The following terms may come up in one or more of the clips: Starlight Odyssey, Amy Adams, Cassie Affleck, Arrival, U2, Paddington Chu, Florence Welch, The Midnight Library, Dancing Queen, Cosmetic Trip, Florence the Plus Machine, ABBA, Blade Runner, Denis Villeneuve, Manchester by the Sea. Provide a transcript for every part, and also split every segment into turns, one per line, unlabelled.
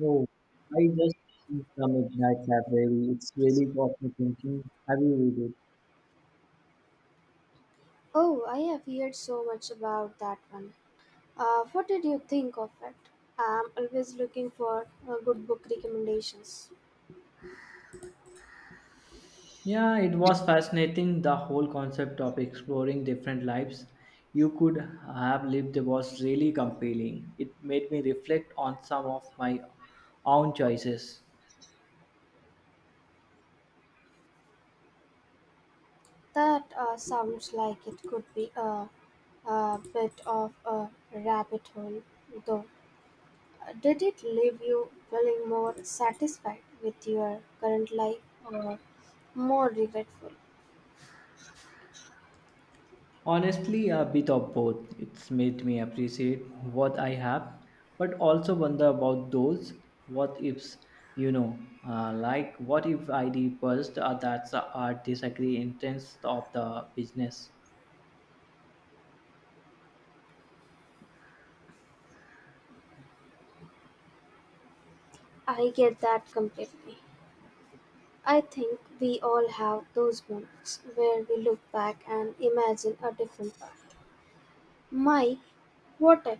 Oh, I just finished The Midnight Library. It's really got me thinking. Have you read it?
Oh, I have heard so much about that one. What did you think of it? I'm always looking for good book recommendations.
Yeah, it was fascinating. The whole concept of exploring different lives you could have lived was really compelling. It made me reflect on some of my own choices.
That sounds like it could be a bit of a rabbit hole, though. Did it leave you feeling more satisfied with your current life or more regretful?
Honestly, a bit of both. It's made me appreciate what I have, but also wonder about those what ifs, you know. Like, what if I reversed that's the art disagree intents of the business?
I get that completely. I think we all have those moments where we look back and imagine a different path. My quartet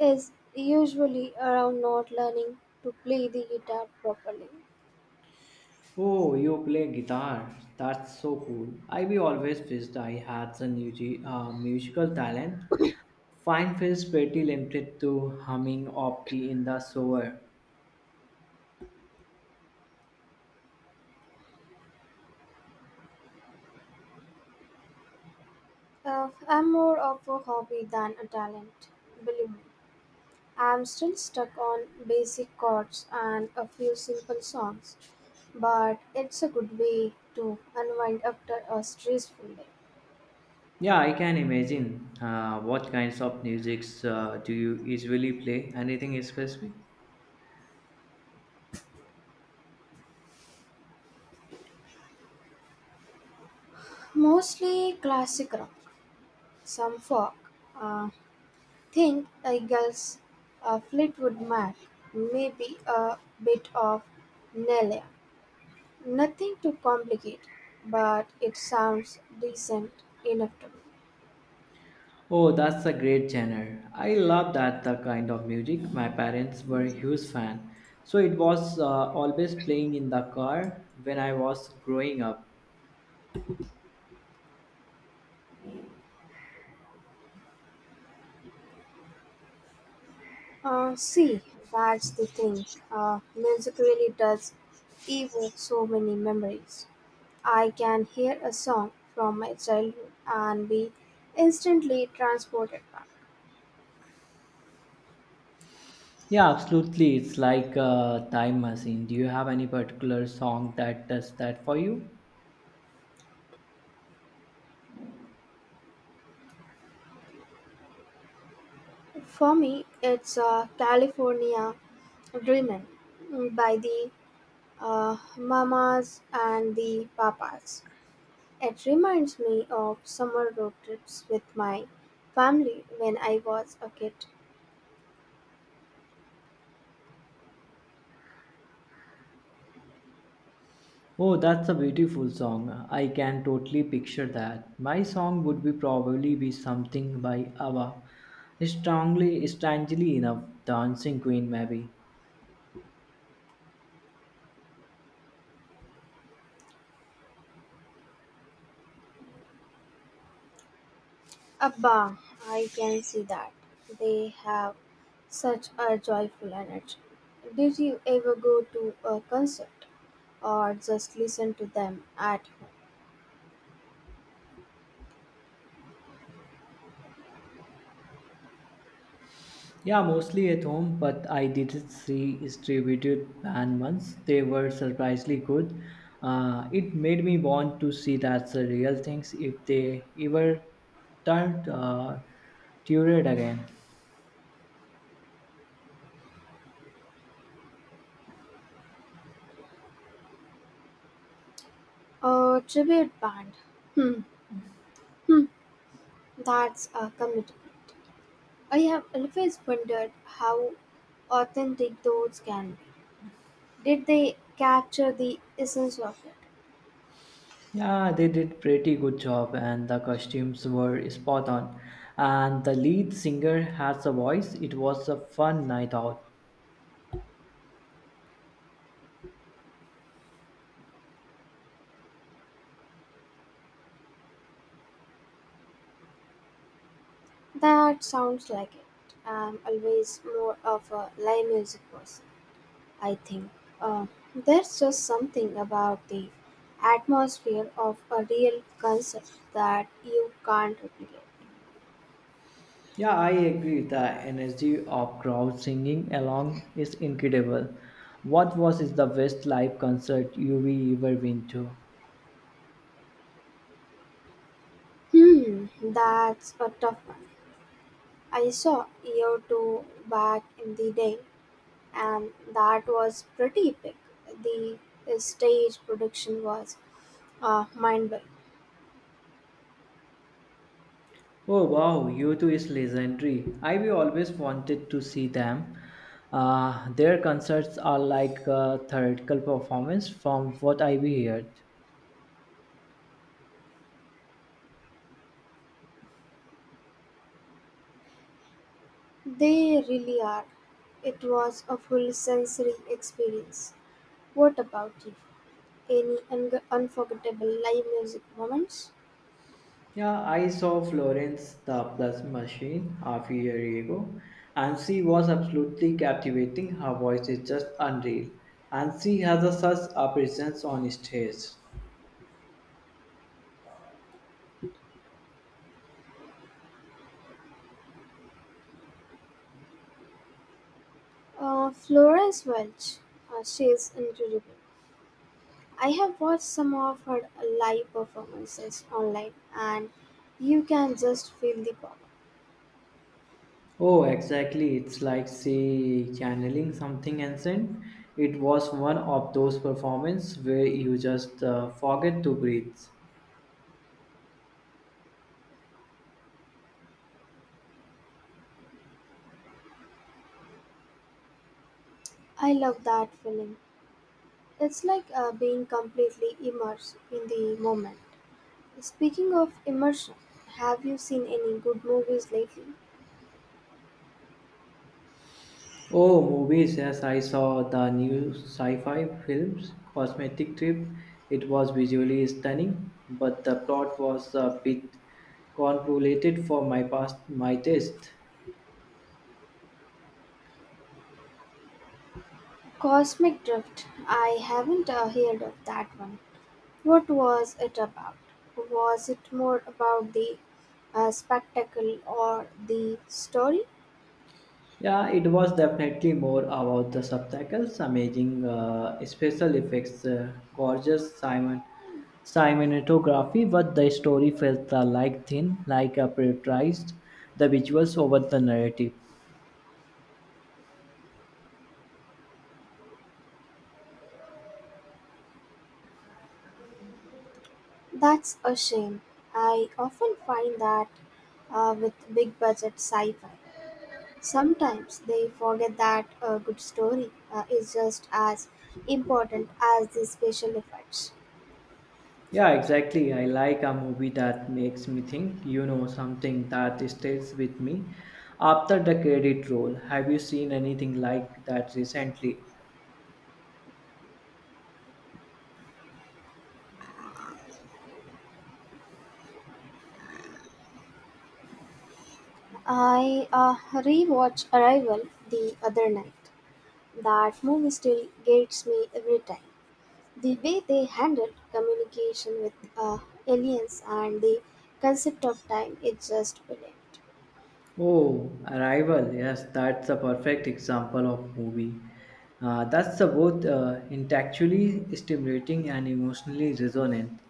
is usually around not learning to play the guitar properly.
Oh, you play guitar. That's so cool. I be always wished I had some musical talent. Fine feels pretty limited to humming of key in the shower.
I'm more of a hobby than a talent, believe me. I'm still stuck on basic chords and a few simple songs, but it's a good way to unwind after a stressful day.
Yeah, I can imagine. What kinds of musics do you usually play? Anything in specific?
Mostly classic rock, some folk, uh, think I guess Fleetwood Mac, maybe a bit of Nelia. Nothing too complicated, but it sounds decent enough to me.
Oh, that's a great genre. I love that the kind of music. My parents were huge fan, so it was always playing in the car when I was growing up.
See, that's the thing. Music really does evoke so many memories. I can hear a song from my childhood and be instantly transported back.
Yeah, absolutely. It's like a time machine. Do you have any particular song that does that for you?
For me, it's California Dreamin' by the Mamas and the Papas. It reminds me of summer road trips with my family when I was a kid.
Oh, that's a beautiful song. I can totally picture that. My song would be probably be something by ABBA. Strongly, strangely enough, Dancing Queen maybe.
ABBA, I can see that. They have such a joyful energy. Did you ever go to a concert or just listen to them at home?
Yeah, mostly at home, but I did see distributed band once. They were surprisingly good. It made me want to see that's the real things if they ever turned toured again.
A tribute band? Hmm, that's a commitment. I have always wondered how authentic those can be. Did they capture the essence of it?
Yeah, they did pretty good job and the costumes were spot on. And the lead singer has a voice. It was a fun night out.
That sounds like it. I'm always more of a live music person, I think. Uh, there's just something about the atmosphere of a real concert that you can't replicate.
Yeah, I agree. The energy of crowd singing along is incredible. What was is the best live concert you've ever been to?
Hmm, that's a tough one. I saw EO two back in the day, and that was pretty epic. The stage production was mind blowing.
Oh wow, U2 is legendary. I've always wanted to see them. Their concerts are like a theatrical performance from what I've heard.
They really are. It was a full sensory experience. What about you? Any unforgettable live music moments?
Yeah, I saw Florence the Plus Machine half a year ago, and she was absolutely captivating. Her voice is just unreal, and she has such a presence on stage.
Florence Welch, she is incredible. I have watched some of her live performances online, and you can just feel the power.
Oh, exactly. It's like she channeling something ancient. It was one of those performances where you just forget to breathe.
I love that feeling. It's like being completely immersed in the moment. Speaking of immersion, have you seen any good movies lately?
Oh, movies, yes, I saw the new sci fi films, Cosmetic Trip. It was visually stunning, but the plot was a bit convoluted for my past my taste.
Cosmic Drift. I haven't heard of that one. What was it about? Was it more about the spectacle or the story?
Yeah, it was definitely more about the subtitles, amazing special effects, gorgeous Simon cinematography, but the story felt like thin, like a prioritized the visuals over the narrative.
That's a shame. I often find that with big budget sci fi. Sometimes they forget that a good story is just as important as the special effects.
Yeah, exactly. I like a movie that makes me think, you know, something that stays with me after the credit roll. Have you seen anything like that recently?
I rewatched Arrival the other night. That movie still gets me every time. The way they handled communication with aliens and the concept of time is just brilliant.
Oh, Arrival. Yes, that's a perfect example of movie. That's a both intellectually stimulating and emotionally resonant.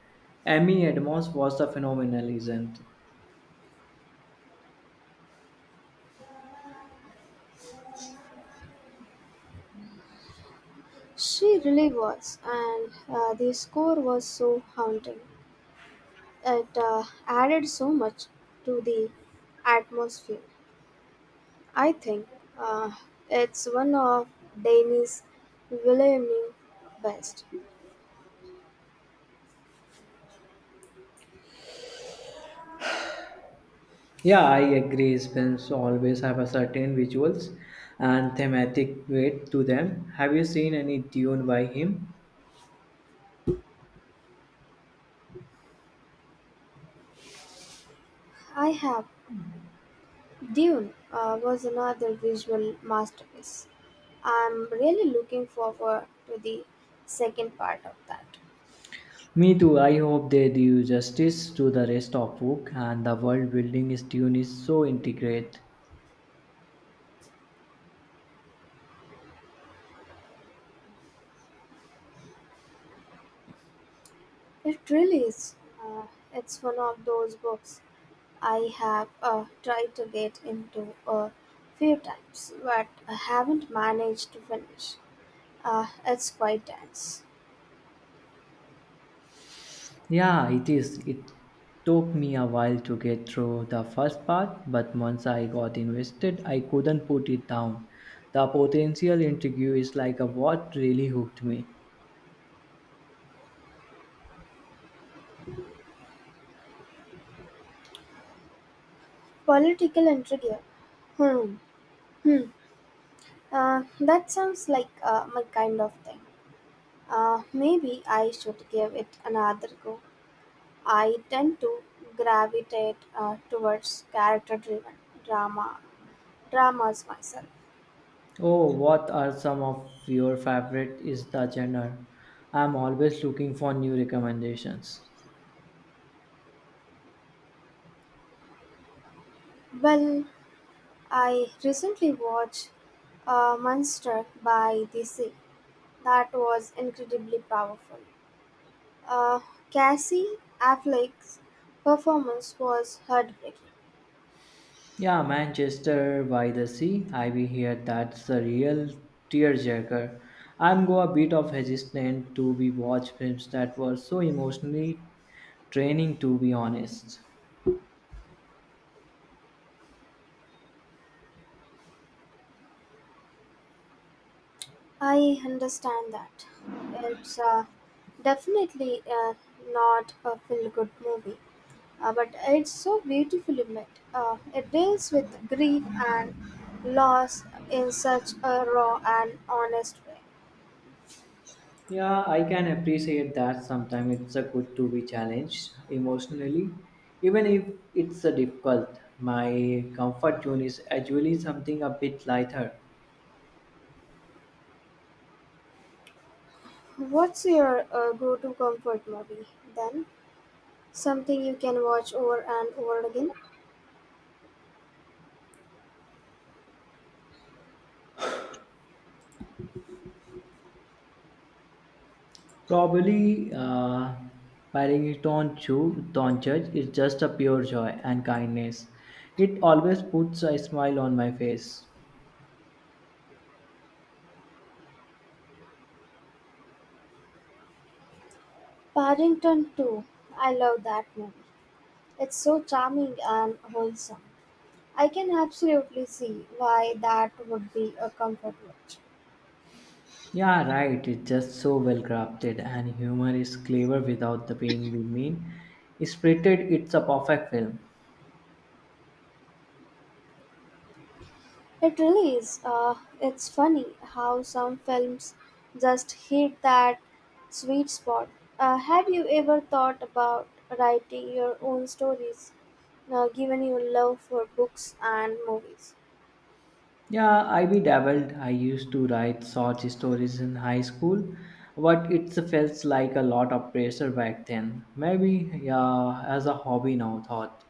Amy Adams was a phenomenal, isn't?
She really was, and the score was so haunting. It added so much to the atmosphere. I think uh, it's one of Denis Villeneuve's best.
Yeah, I agree. Spins always have a certain visuals and thematic weight to them. Have you seen any tune by him?
I have Dune was another visual masterpiece. I'm really looking forward to the second part of that.
Me too. I hope they do justice to the rest of book and the world building is tune is so integrate.
It really is. Uh, it's one of those books I have tried to get into a few times, but I haven't managed to finish. It's quite dense.
Yeah, it is. It took me a while to get through the first part, but once I got invested, I couldn't put it down. The potential intrigue is like a what really hooked me.
Political intrigue. Hmm. Hmm. That sounds like my kind of thing. Maybe I should give it another go. I tend to gravitate towards character-driven drama dramas myself.
Oh, what are some of your favorite is the genre? I'm always looking for new recommendations.
Well, I recently watched Monster by the Sea. That was incredibly powerful. Uh, Cassie Affleck's performance was heartbreaking.
Yeah, Manchester by the Sea. I be here. That's a real tearjerker. I'm go a bit of hesitant to be watch films that were so emotionally draining. To be honest.
I understand that. It's definitely not a feel-good movie, but it's so beautifully made. It deals with grief and loss in such a raw and honest way.
Yeah, I can appreciate that. Sometimes it's a good to be challenged emotionally, even if it's a difficult. My comfort zone is actually something a bit lighter.
What's your go-to comfort movie then? Something you can watch over and over again?
Probably, Paddington Chu, Don Church is just a pure joy and kindness. It always puts a smile on my face.
Paddington 2. I love that movie. It's so charming and wholesome. I can absolutely see why that would be a comfort watch.
Yeah, right. It's just so well crafted, and humor is clever without the being mean. Spirited, it's a perfect film.
It really is. It's funny how some films just hit that sweet spot. Have you ever thought about writing your own stories, given your love for books and movies?
Yeah, I be dabbled. I used to write short stories in high school, but it felt like a lot of pressure back then. Maybe, yeah, as a hobby now, thought.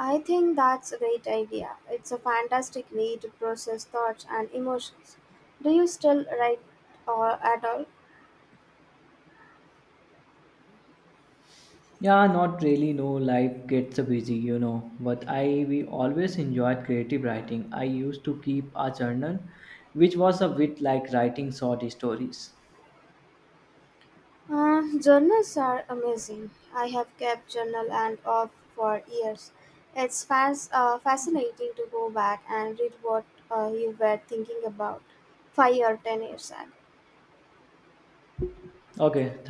I think that's a great idea. It's a fantastic way to process thoughts and emotions. Do you still write or at all?
Yeah, not really. No, life gets busy, you know. But I we always enjoyed creative writing. I used to keep a journal, which was a bit like writing short stories.
Journals are amazing. I have kept journal and off for years. It's fascinating to go back and read what you were thinking about 5 or 10 years ago.
Okay,